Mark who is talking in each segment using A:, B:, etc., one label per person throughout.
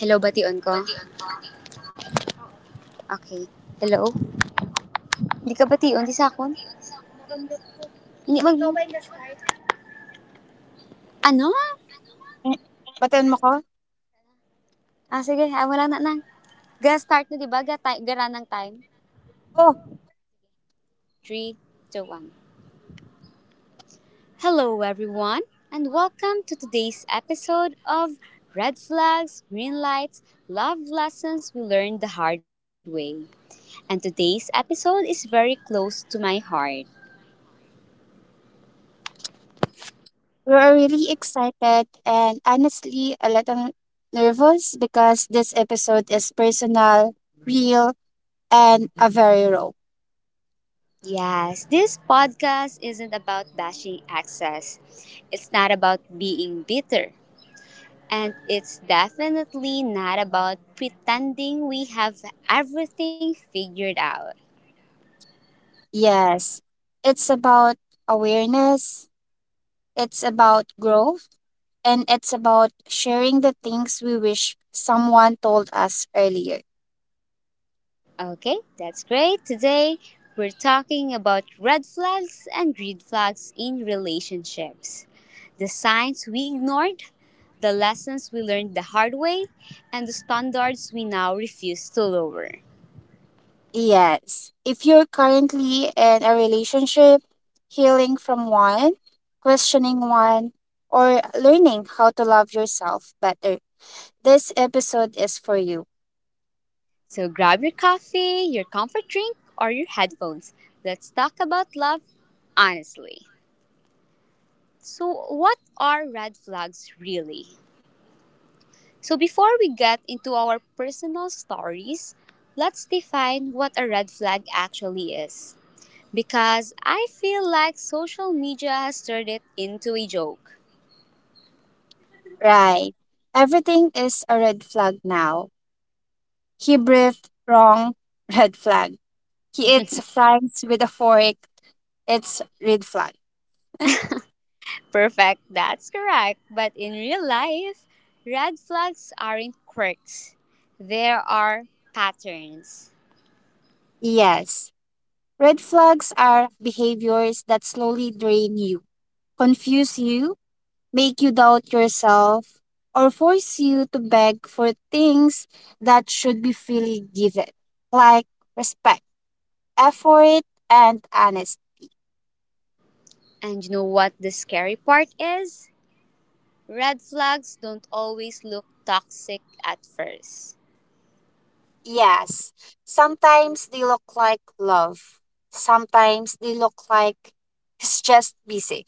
A: Hello, bation ko? Okay. Hello? Di ka bation? Di sakon? Hindi mag... Ano?
B: Eh, batuhan mo ko?
A: Ah, sige. Ah, wala na nang. Ga-start na, di Gara ng time.
B: Oh,
A: Three, two, one. Hello, everyone, and welcome to today's episode of Red Flags, Green Lights, Love Lessons We Learned the Hard Way. And today's episode is very close to my heart.
B: we are really excited and honestly a little nervous because this episode is personal, real, and a very raw.
A: Yes, this podcast isn't about bashing access. It's not about being bitter. And it's definitely not about pretending we have everything figured out.
B: Yes, it's about awareness, it's about growth, and it's about sharing the things we wish someone told us earlier.
A: Okay, that's great. Today, we're talking about red flags and green flags in relationships. The signs we ignored, the lessons we learned the hard way, and the standards we now refuse to lower.
B: Yes. If you're currently in a relationship, healing from one, questioning one, or learning how to love yourself better, this episode is for you.
A: So grab your coffee, your comfort drink, or your headphones. Let's talk about love honestly. So, what are red flags really? So, before we get into our personal stories, let's define what a red flag actually is. Because I feel like social media has turned it into a joke.
B: Right. Everything is a red flag now. He breathed wrong, red flag. He eats fries with a fork. It's red flag.
A: Perfect, that's correct. But in real life, red flags aren't quirks, there are patterns.
B: Yes. Red flags are behaviors that slowly drain you, confuse you, make you doubt yourself, or force you to beg for things that should be freely given, like respect, effort, and honesty.
A: And you know what the scary part is? Red flags don't always look toxic at first.
B: Yes. Sometimes they look like love. Sometimes they look like he's just busy.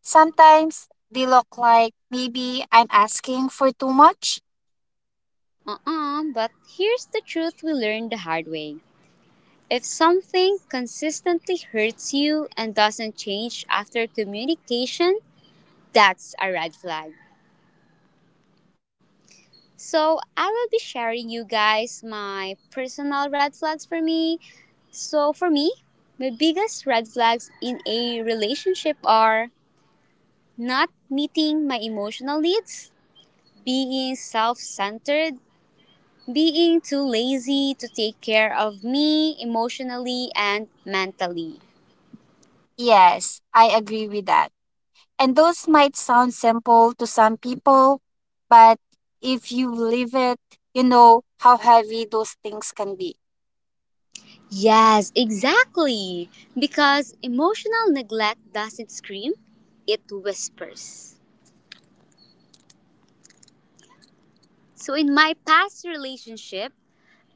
B: Sometimes they look like maybe I'm asking for too much.
A: But here's the truth we learned the hard way. If something consistently hurts you and doesn't change after communication, that's a red flag. So, I will be sharing you guys my personal red flags for me. So, for me, my biggest red flags in a relationship are not meeting my emotional needs, being self centered, being too lazy to take care of me emotionally and mentally.
B: Yes, I agree with that. And those might sound simple to some people, but if you live it, you know how heavy those things can be.
A: Yes, exactly. Because emotional neglect doesn't scream, it whispers. So, in my past relationship,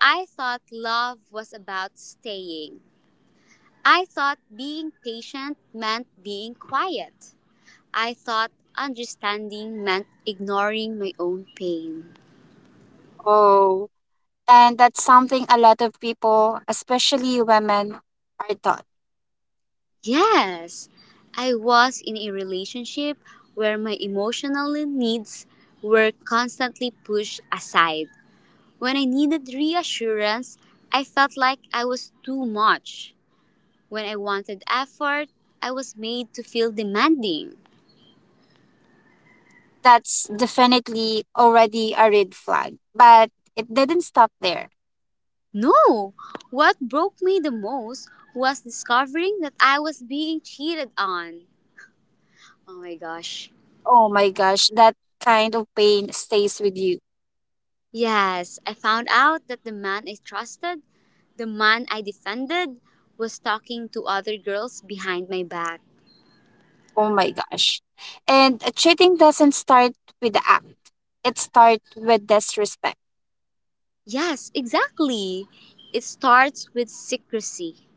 A: I thought love was about staying. I thought being patient meant being quiet. I thought understanding meant ignoring my own pain.
B: Oh. And that's something a lot of people, especially women, are taught.
A: Yes, I was in a relationship where my emotional needs were constantly pushed aside. When I needed reassurance, I felt like I was too much. When I wanted effort, I was made to feel demanding.
B: That's definitely already a red flag. But it didn't stop there.
A: No, what broke me the most was discovering that I was being cheated on. Oh my gosh.
B: Oh my gosh, that kind of pain stays with you.
A: Yes, I found out that the man I trusted, the man I defended, was talking to other girls behind my back.
B: Oh my gosh. And cheating doesn't start with the act, it starts with disrespect.
A: Yes, exactly. It starts with secrecy,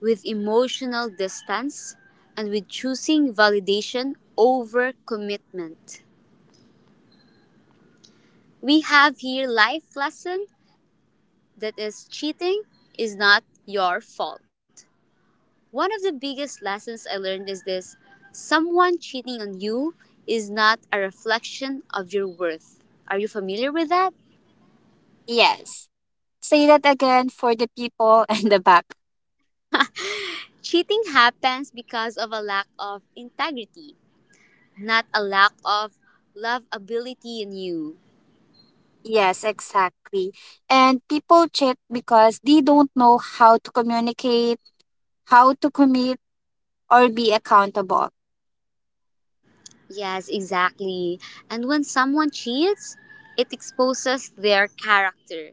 A: with emotional distance, and with choosing validation over commitment. We have here life lesson that is cheating is not your fault. One of the biggest lessons I learned is this: someone cheating on you is not a reflection of your worth. Are you familiar with that?
B: Yes. Say that again for the people in the back.
A: Cheating happens because of a lack of integrity, not a lack of lovability in you.
B: Yes, exactly. And people cheat because they don't know how to communicate, how to commit, or be accountable.
A: Yes, exactly. And when someone cheats, it exposes their character,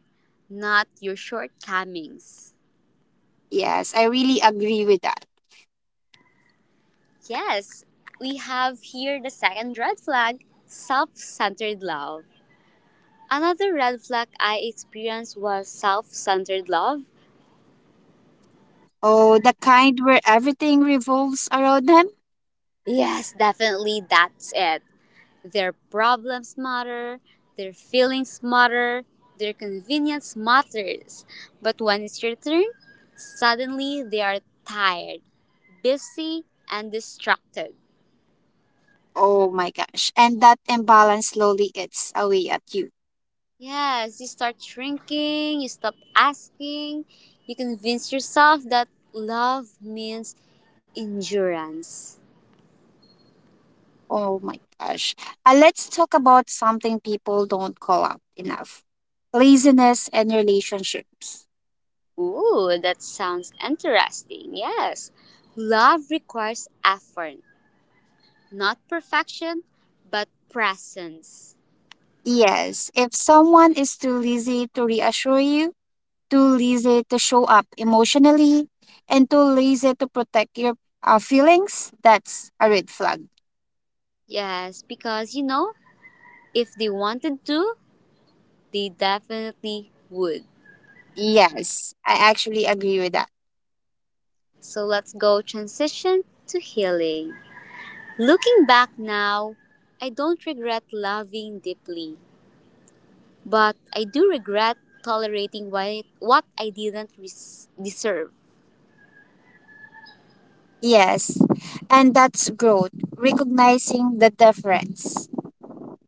A: not your shortcomings.
B: Yes, I really agree with that.
A: Yes, we have here the second red flag, self centered love. Another red flag I experienced was self centered love.
B: Oh, the kind where everything revolves around them.
A: Yes, definitely, that's it. Their problems matter, their feelings matter, their convenience matters. But when it's your turn, suddenly they are tired, busy, and distracted.
B: Oh my gosh. And that imbalance slowly eats away at you.
A: Yes, you start shrinking, you stop asking, you convince yourself that love means endurance.
B: Oh my gosh. Let's talk about something people don't call out enough, laziness and relationships.
A: Ooh, that sounds interesting. Yes. Love requires effort, not perfection, but presence.
B: Yes, if someone is too lazy to reassure you, too lazy to show up emotionally, and too lazy to protect your feelings, that's a red flag.
A: Yes, because you know, if they wanted to, they definitely would.
B: Yes, I actually agree with that.
A: So let's go transition to healing. Looking back now, I don't regret loving deeply, but I do regret tolerating what I didn't deserve.
B: Yes, and that's growth, recognizing the difference.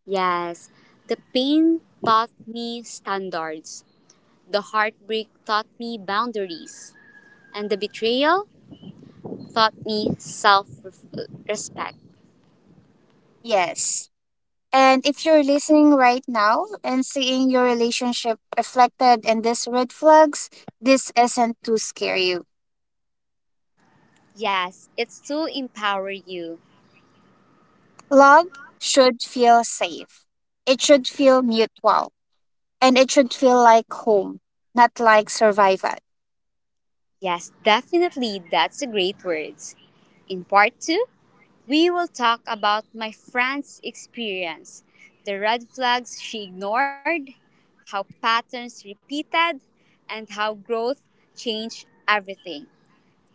A: Yes, the pain taught me standards, the heartbreak taught me boundaries, and the betrayal taught me self respect.
B: Yes. And if you're listening right now and seeing your relationship reflected in these red flags, this isn't to scare you.
A: Yes, it's to empower you.
B: Love should feel safe. It should feel mutual. And it should feel like home, not like survival.
A: Yes, definitely, that's a great word. In part two, we will talk about my friend's experience, the red flags she ignored, how patterns repeated, and how growth changed everything.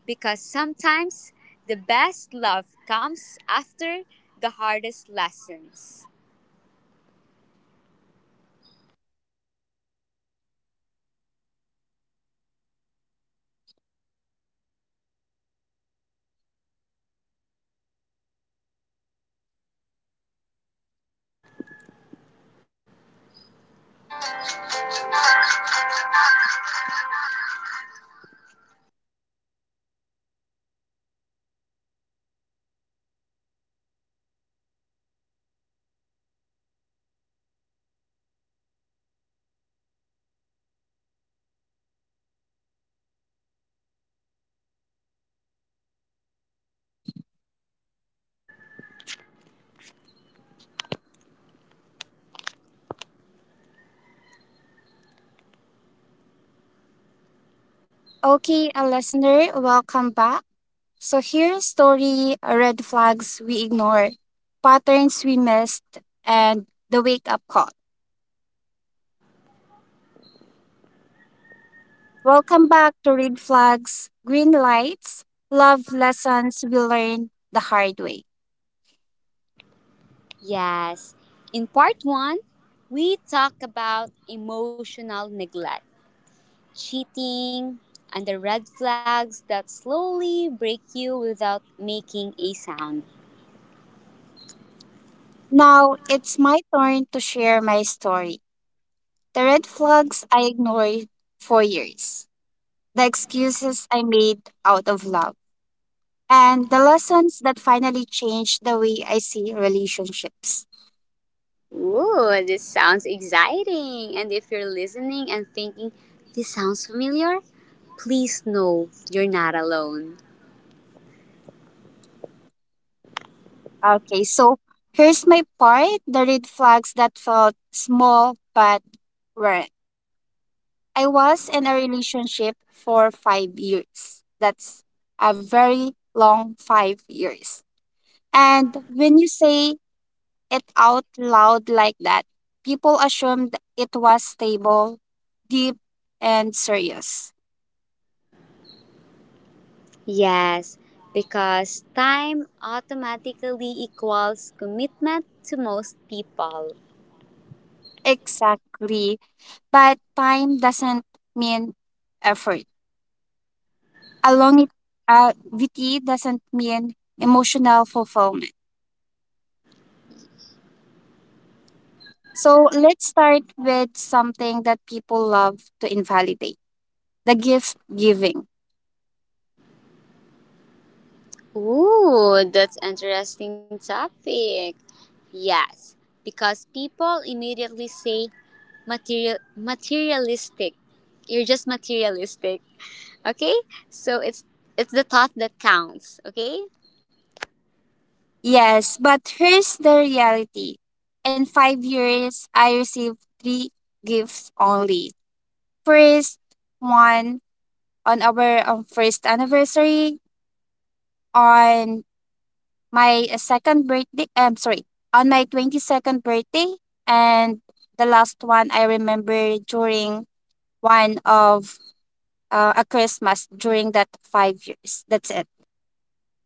A: Because sometimes the best love comes after the hardest lessons.
B: Okay, a listener, welcome back. So here's story red flags we ignore, patterns we missed, and the wake up call. Welcome back to Red Flags, Green Lights, Love Lessons We Learned the Hard Way.
A: Yes. In part one, we talk about emotional neglect, cheating, and the red flags that slowly break you without making a sound.
B: Now it's my turn to share my story. The red flags I ignored for years, the excuses I made out of love, and the lessons that finally changed the way I see relationships.
A: Ooh, this sounds exciting. And if you're listening and thinking, this sounds familiar, please know you're not alone.
B: Okay, so here's my part, the red flags that felt small but were, I was in a relationship for five years. That's a very long five years. And when you say it out loud like that, people assumed it was stable, deep, and serious.
A: Yes, because time automatically equals commitment to most people.
B: Exactly. But time doesn't mean effort. Along VT doesn't mean emotional fulfillment. So let's start with something that people love to invalidate, the gift giving.
A: Ooh, that's interesting topic. Yes, because people immediately say materialistic. You're just materialistic. Okay? So it's the thought that counts, okay?
B: Yes, but here's the reality. In five years, I received three gifts only. First, one on our first anniversary, on my second birthday, I'm sorry, on my 22nd birthday, and the last one I remember during one of a Christmas during that five years. That's it.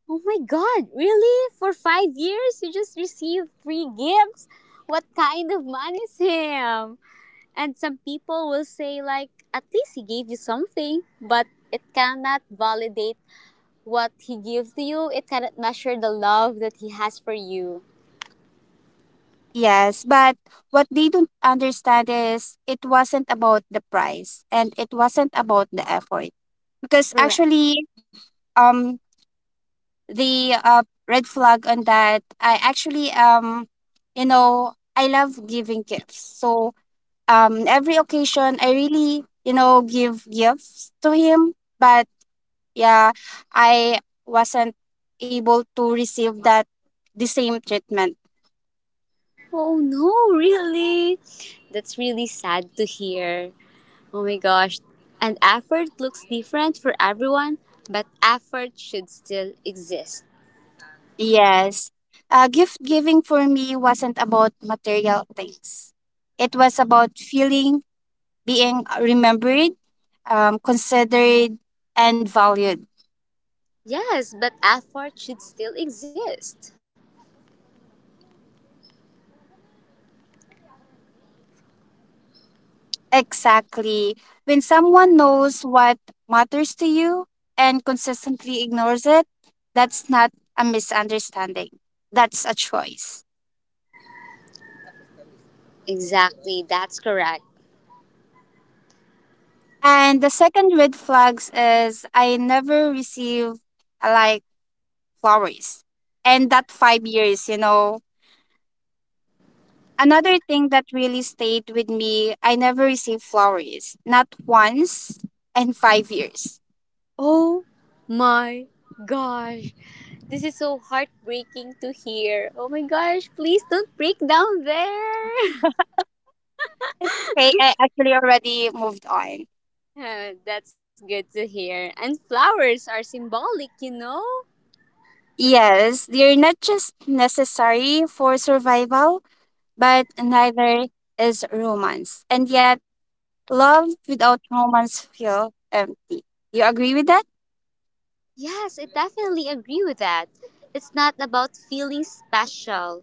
A: Oh my god, really? For 5 years you just received free gifts? What kind of man is him? And some people will say, like, at least he gave you something, but it cannot validate what he gives you. It cannot measure the love that he has for you.
B: Yes, but what they don't understand is it wasn't about the price and it wasn't about the effort. Because
A: Correct.
B: actually, um, the red flag on that, I actually you know, I love giving gifts. So every occasion, I really, you know, give gifts to him. But yeah, I wasn't able to receive that, the same treatment.
A: Oh no, really? That's really sad to hear. Oh my gosh. And effort looks different for everyone, but effort should still exist.
B: Yes. Gift giving for me wasn't about material things. It was about feeling, being remembered, considered, and valued.
A: Yes, but effort should still exist.
B: Exactly. When someone knows what matters to you and consistently ignores it, that's not a misunderstanding. That's a choice.
A: Exactly, that's correct.
B: And the second red flags is I never receive, uh, like, flowers. And that five years, you know, another thing that really stayed with me, I never received flowers, not once in five years.
A: Oh my gosh. This is so heartbreaking to hear. Oh my gosh, please don't break down there.
B: It's okay, I actually already moved on.
A: That's good to hear. And flowers are symbolic, you know?
B: Yes, they're not just necessary for survival, but neither is romance. And yet, love without romance feels empty. You agree with that?
A: Yes, I definitely agree with that. It's not about feeling special,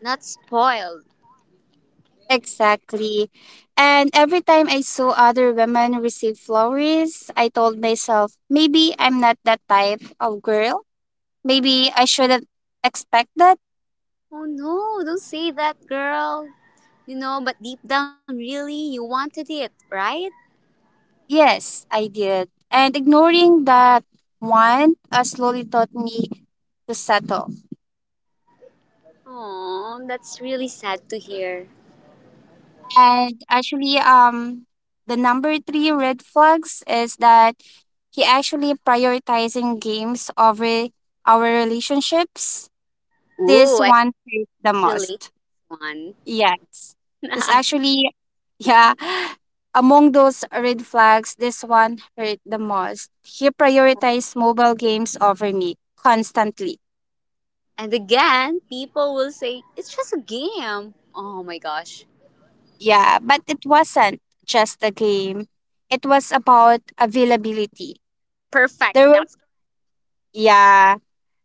A: not spoiled.
B: Exactly. And every time I saw other women receive flowers, I told myself, maybe I'm not that type of girl. Maybe I shouldn't expect that.
A: Oh no, don't say that, girl. You know, but deep down, really, you wanted it, right?
B: Yes, I did. And ignoring that one slowly taught me to settle.
A: Oh, that's really sad to hear.
B: And actually, the number three red flags is that he actually prioritizing games over our relationships. This
A: Ooh, I
B: one
A: can
B: hurt the
A: relate to
B: most.
A: this one.
B: Yes, this actually, yeah. Among those red flags, this one hurt the most. He prioritized mobile games over me constantly.
A: And again, people will say, it's just a game. Oh my gosh.
B: Yeah, but it wasn't just a game. It was about availability.
A: Perfect.
B: There were
A: That's.
B: yeah,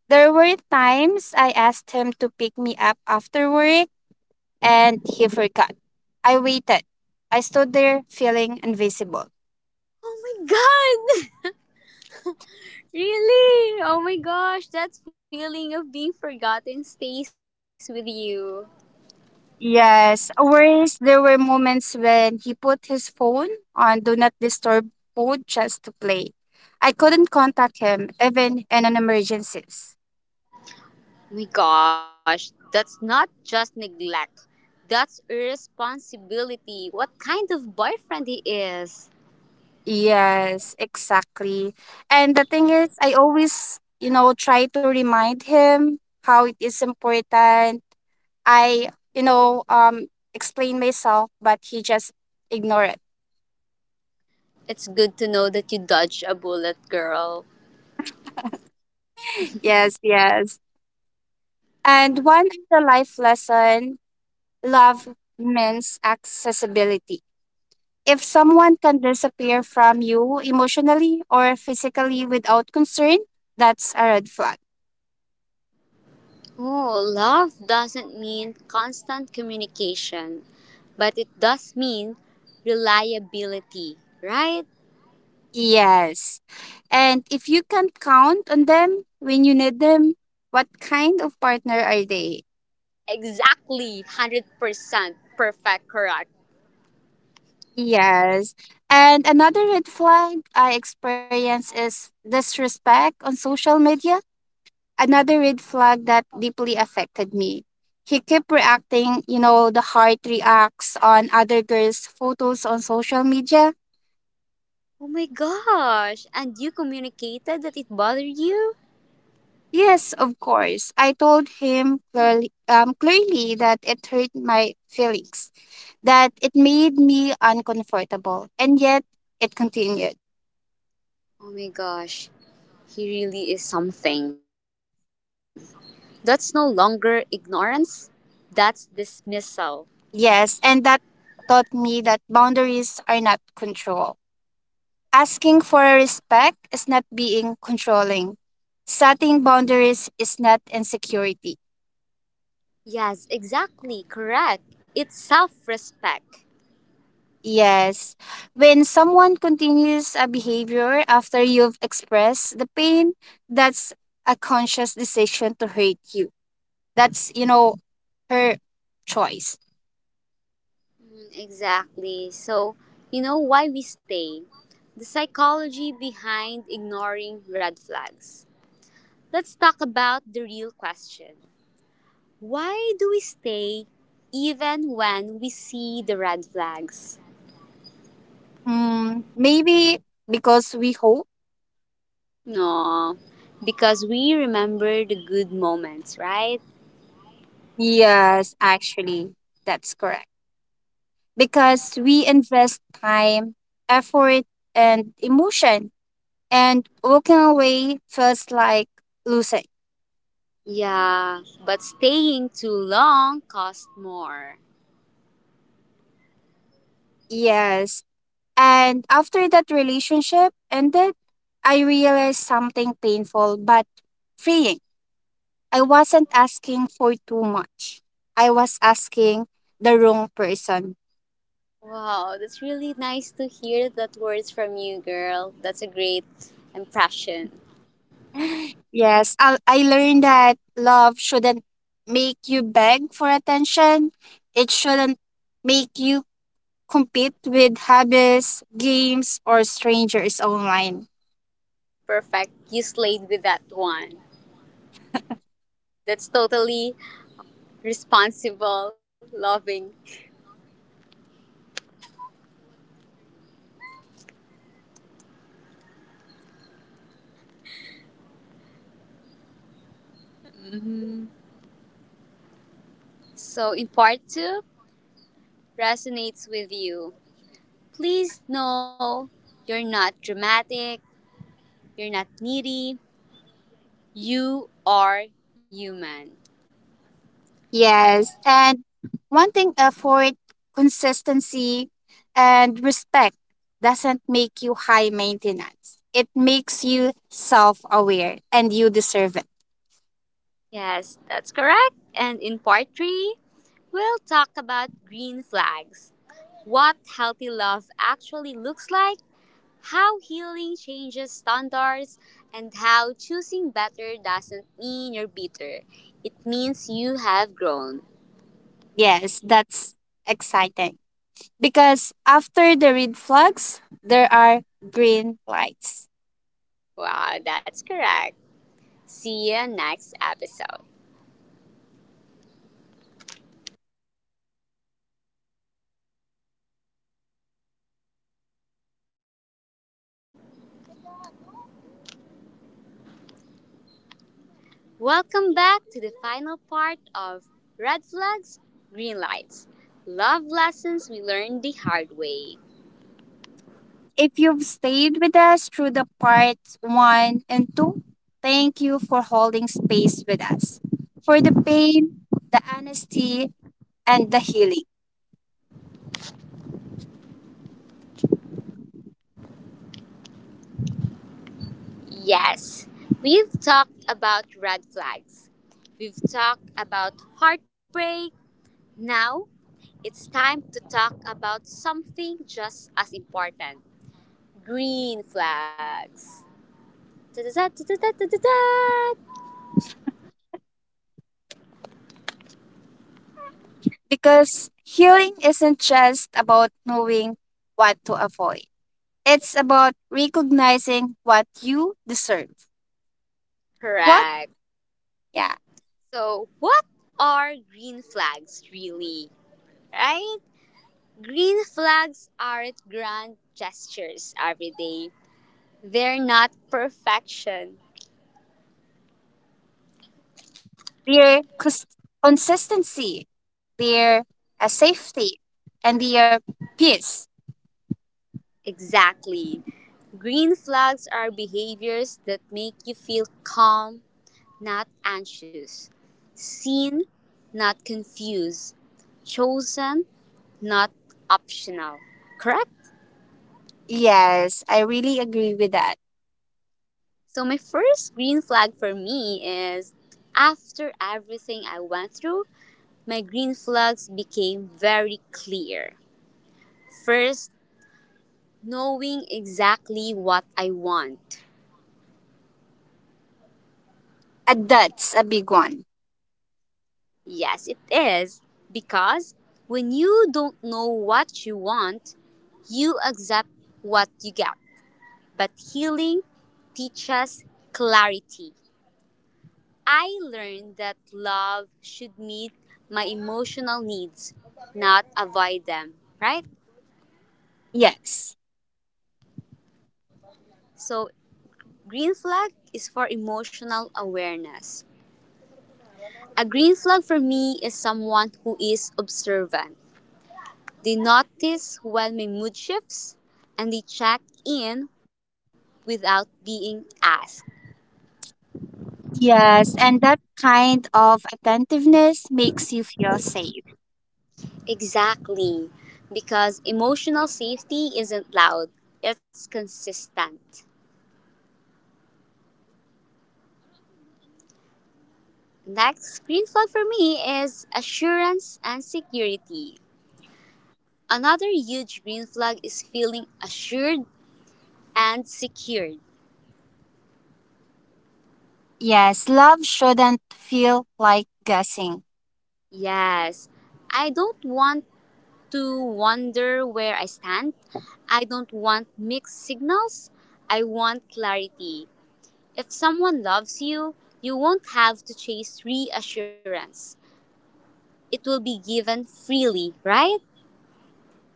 B: there were times I asked him to pick me up after work and he forgot. I waited. I stood there feeling invisible.
A: Oh my god! Really? Oh my gosh, that feeling of being forgotten stays with you.
B: Yes. Worse, there were moments when he put his phone on do not disturb mode just to play. I couldn't contact him even in an emergencies.
A: Oh my gosh, that's not just neglect, that's irresponsibility. What kind of boyfriend he is.
B: Yes, exactly. And the thing is, I always, you know, try to remind him how it is important. I, you know, um, explain myself, but he just ignore it.
A: It's good to know that you dodged a bullet, girl.
B: Yes, yes. And one of the life lesson, love means accessibility. If someone can disappear from you emotionally or physically without concern, that's a red flag.
A: Oh, love doesn't mean constant communication, but it does mean reliability, right?
B: Yes. And if you can't count on them when you need them, what kind of partner are they?
A: Exactly, 100% perfect, correct.
B: Yes. And another red flag I experience is disrespect on social media. Another red flag that deeply affected me. He kept reacting, you know, the heart reacts on other girls' photos on social media.
A: Oh my gosh, and you communicated that it bothered you?
B: Yes, of course. I told him clearly that it hurt my feelings, that it made me uncomfortable, and yet it continued.
A: Oh my gosh, he really is something. That's no longer ignorance, that's dismissal.
B: Yes, and that taught me that boundaries are not control. Asking for respect is not being controlling. Setting boundaries is not insecurity.
A: Yes, exactly, correct. It's self respect.
B: Yes. When someone continues a behavior after you've expressed the pain, that's a conscious decision to hurt you. That's, you know, her choice.
A: Exactly. So, you know why we stay? The psychology behind ignoring red flags. Let's talk about the real question. Why do we stay even when we see the red flags?
B: Mm, maybe because we hope.
A: No, because we remember the good moments, right?
B: Yes, actually, that's correct. Because we invest time, effort, and emotion, and walking away feels like losing.
A: Yeah, but staying too long costs more.
B: Yes. And after that relationship ended, I realized something painful but freeing. I wasn't asking for too much. I was asking the wrong person.
A: Wow, that's really nice to hear that words from you, girl. That's a great impression.
B: Yes, I learned that love shouldn't make you beg for attention. It shouldn't make you compete with hobbies, games, or strangers online.
A: Perfect. You slayed with that one. That's totally responsible, loving. So, in part two, resonates with you. Please know you're not dramatic, you're not needy, you are human.
B: Yes, and one thing: effort, consistency, and respect doesn't make you high maintenance. It makes you self aware and you deserve it.
A: Yes, that's correct. And in part three, we'll talk about green flags, what healthy love actually looks like, how healing changes standards, and how choosing better doesn't mean you're bitter. It means you have grown.
B: Yes, that's exciting. Because after the red flags, there are green lights.
A: Wow, that's correct. See you next episode. Welcome back to the final part of Red Flags, Green Lights, Love Lessons We Learned the Hard Way.
B: If you've stayed with us through the parts one and two, thank you for holding space with us. For the pain, the honesty, and the healing.
A: Yes, we've talked about red flags, we've talked about heartbreak. Now it's time to talk about something just as important, green flags. Da-da-da-da-da-da-da-da.
B: Because healing isn't just about knowing what to avoid, it's about recognizing what you deserve. What?
A: Correct.
B: Yeah.
A: So, what are green flags really? Right? Green flags aren't grand gestures every day, they're not perfection.
B: Their consistency, their safety, and their peace.
A: Exactly. Green flags are behaviors that make you feel calm, not anxious, seen, not confused, chosen, not optional. Correct?
B: Yes, I really agree with that.
A: So, my first green flag for me is after everything I went through, my green flags became very clear. First, knowing exactly what I want.
B: And that's a big one.
A: Yes, it is. Because when you don't know what you want, you accept what you get. But healing teaches clarity. I learned that love should meet my emotional needs, not avoid them, right?
B: Yes.
A: So, green flag is for emotional awareness. A green flag for me is someone who is observant. They notice when my mood shifts and they check in without being asked.
B: Yes, and that kind of attentiveness makes you feel safe.
A: Exactly. Because emotional safety isn't loud, it's consistent. Next green flag for me is assurance and security. Another huge green flag is feeling assured and secured.
B: Yes, love shouldn't feel like guessing.
A: Yes, I don't want to wonder where I stand. I don't want mixed signals. I want clarity. If someone loves you, you won't have to chase reassurance. It will be given freely, right?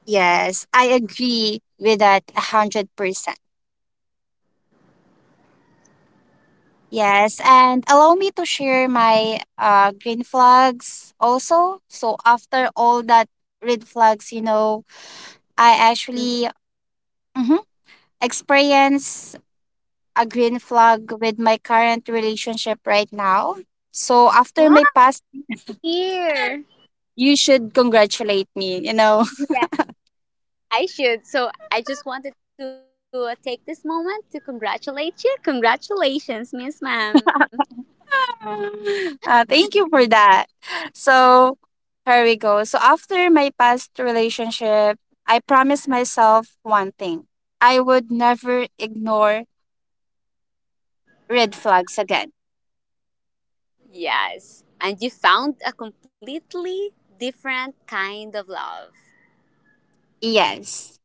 B: Yes, I agree with that 100%. Yes, and allow me to share my green flags also. So, after all that red flags, you know, I
A: Mm.
B: actually, mhm, experience a green flag with my current relationship right now. So,
A: Wow,
B: after my past,
A: here.
B: you should congratulate me, you know.
A: Yeah, I should. So I just wanted to take this moment to congratulate you. Congratulations, Miss Ma'am.
B: Thank you for that. So, here we go. So, after my past relationship, I promised myself one thing, I would never ignore red flags again.
A: Yes, and you found a completely different kind of love.
B: Yes.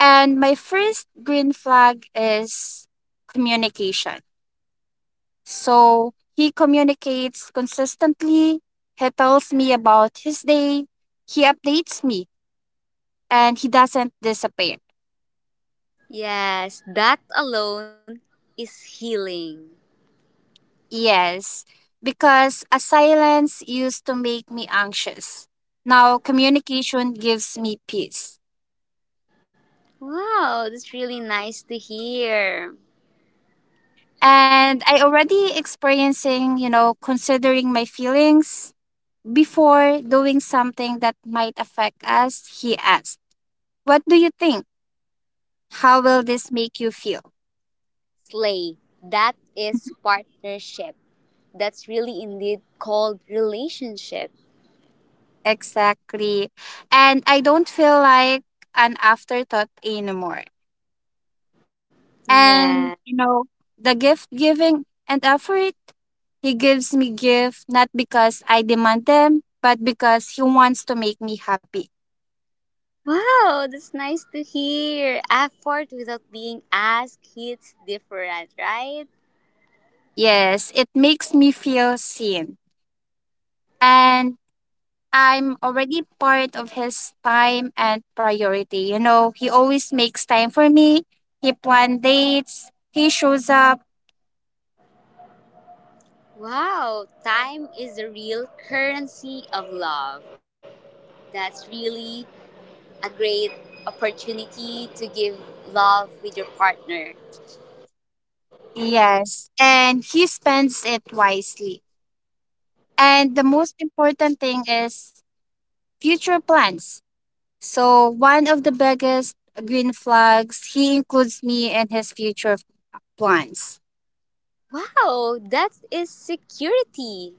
B: And my first green flag is communication. So, he communicates consistently, he tells me about his day, he updates me, and he doesn't disappear.
A: Yes, that alone is healing.
B: Yes, because a silence used to make me anxious. Now communication gives me peace.
A: Wow, that's really nice to hear.
B: And I already experiencing, you know, considering my feelings before doing something that might affect us, he asked. What do you think? How will this make you feel?
A: Slay, that is partnership, that's really indeed called relationship.
B: Exactly. And I don't feel like an afterthought anymore.
A: Yeah.
B: And you know, the gift giving and effort, he gives me gift not because I demand them but because he wants to make me happy.
A: Wow, that's nice to hear. Effort without being asked hits different, right?
B: Yes, it makes me feel seen. And I'm already part of his time and priority, you know, he always makes time for me. He plans dates, he shows up.
A: Wow, time is the real currency of love. That's really a great opportunity to give love with your partner.
B: Yes, and he spends it wisely. And the most important thing is future plans. So, one of the biggest green flags, he includes me in his future plans.
A: Wow, that is security.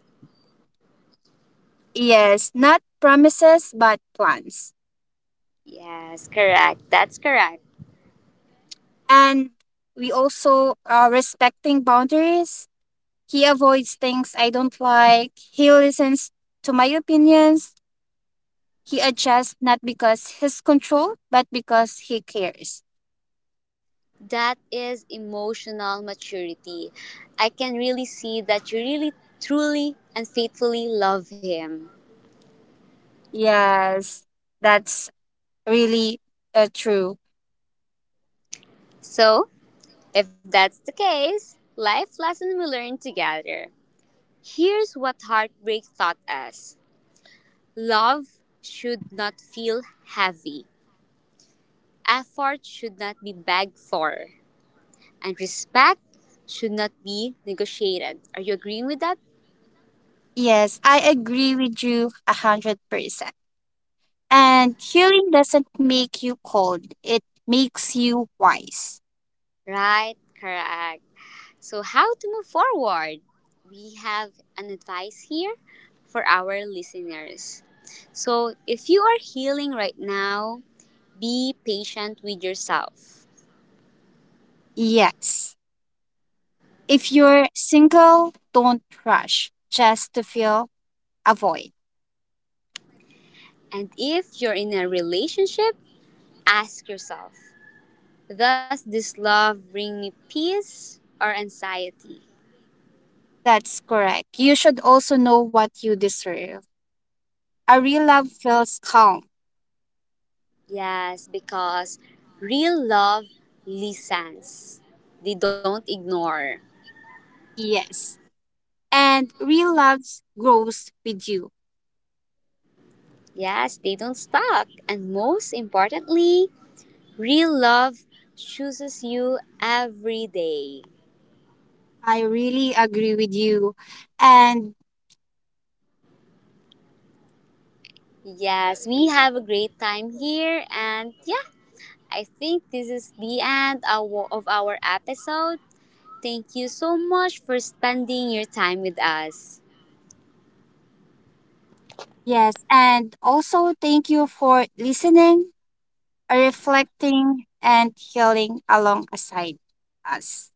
B: Yes, not promises, but plans.
A: Yes, correct. That's correct.
B: And we also are respecting boundaries. He avoids things I don't like. He listens to my opinions. He adjusts not because he's control, but because he cares.
A: That is emotional maturity. I can really see that you really, truly, and faithfully love him.
B: Yes, that's really true.
A: So, if that's the case, life lesson we learn together. Here's what heartbreak taught us: love should not feel heavy, effort should not be begged for, and respect should not be negotiated. Are you agreeing with that?
B: Yes, I agree with you a 100%. And healing doesn't make you cold, it makes you wise.
A: Right, correct. So, how to move forward? We have an advice here for our listeners. So, if you are healing right now, be patient with yourself.
B: Yes. If you're single, don't rush just to feel avoid.
A: And if you're in a relationship, ask yourself: does this love bring me peace or anxiety?
B: That's correct. You should also know what you deserve. A real love feels calm.
A: Yes, because real love listens, they don't ignore.
B: Yes. And real love grows with you.
A: Yes, they don't stalk. And most importantly, real love chooses you every day.
B: I really agree with you. And
A: Yes, we have a great time here, and yeah, I think this is the end of our episode. Thank you so much for spending your time with us.
B: yes, and also thank you for listening. Are reflecting and healing alongside us.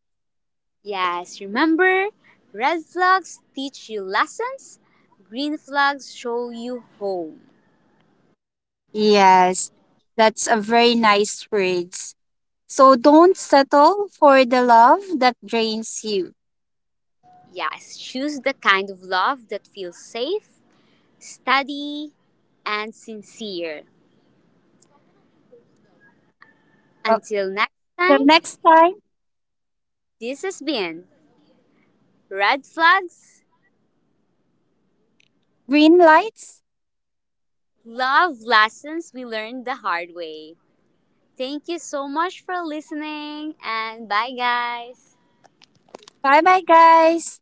A: Yes, remember, red flags teach you lessons, green flags show you home.
B: Yes, that's a very nice words. So don't settle for the love that drains you.
A: Yes, choose the kind of love that feels safe, steady, and sincere.
B: Uh,
A: Until next
B: Till
A: time,
B: next time,
A: this has been Red Flags,
B: green lights.
A: Love Lessons We Learned the Hard Way. Thank you so much for listening, and bye, guys.
B: Bye bye, guys.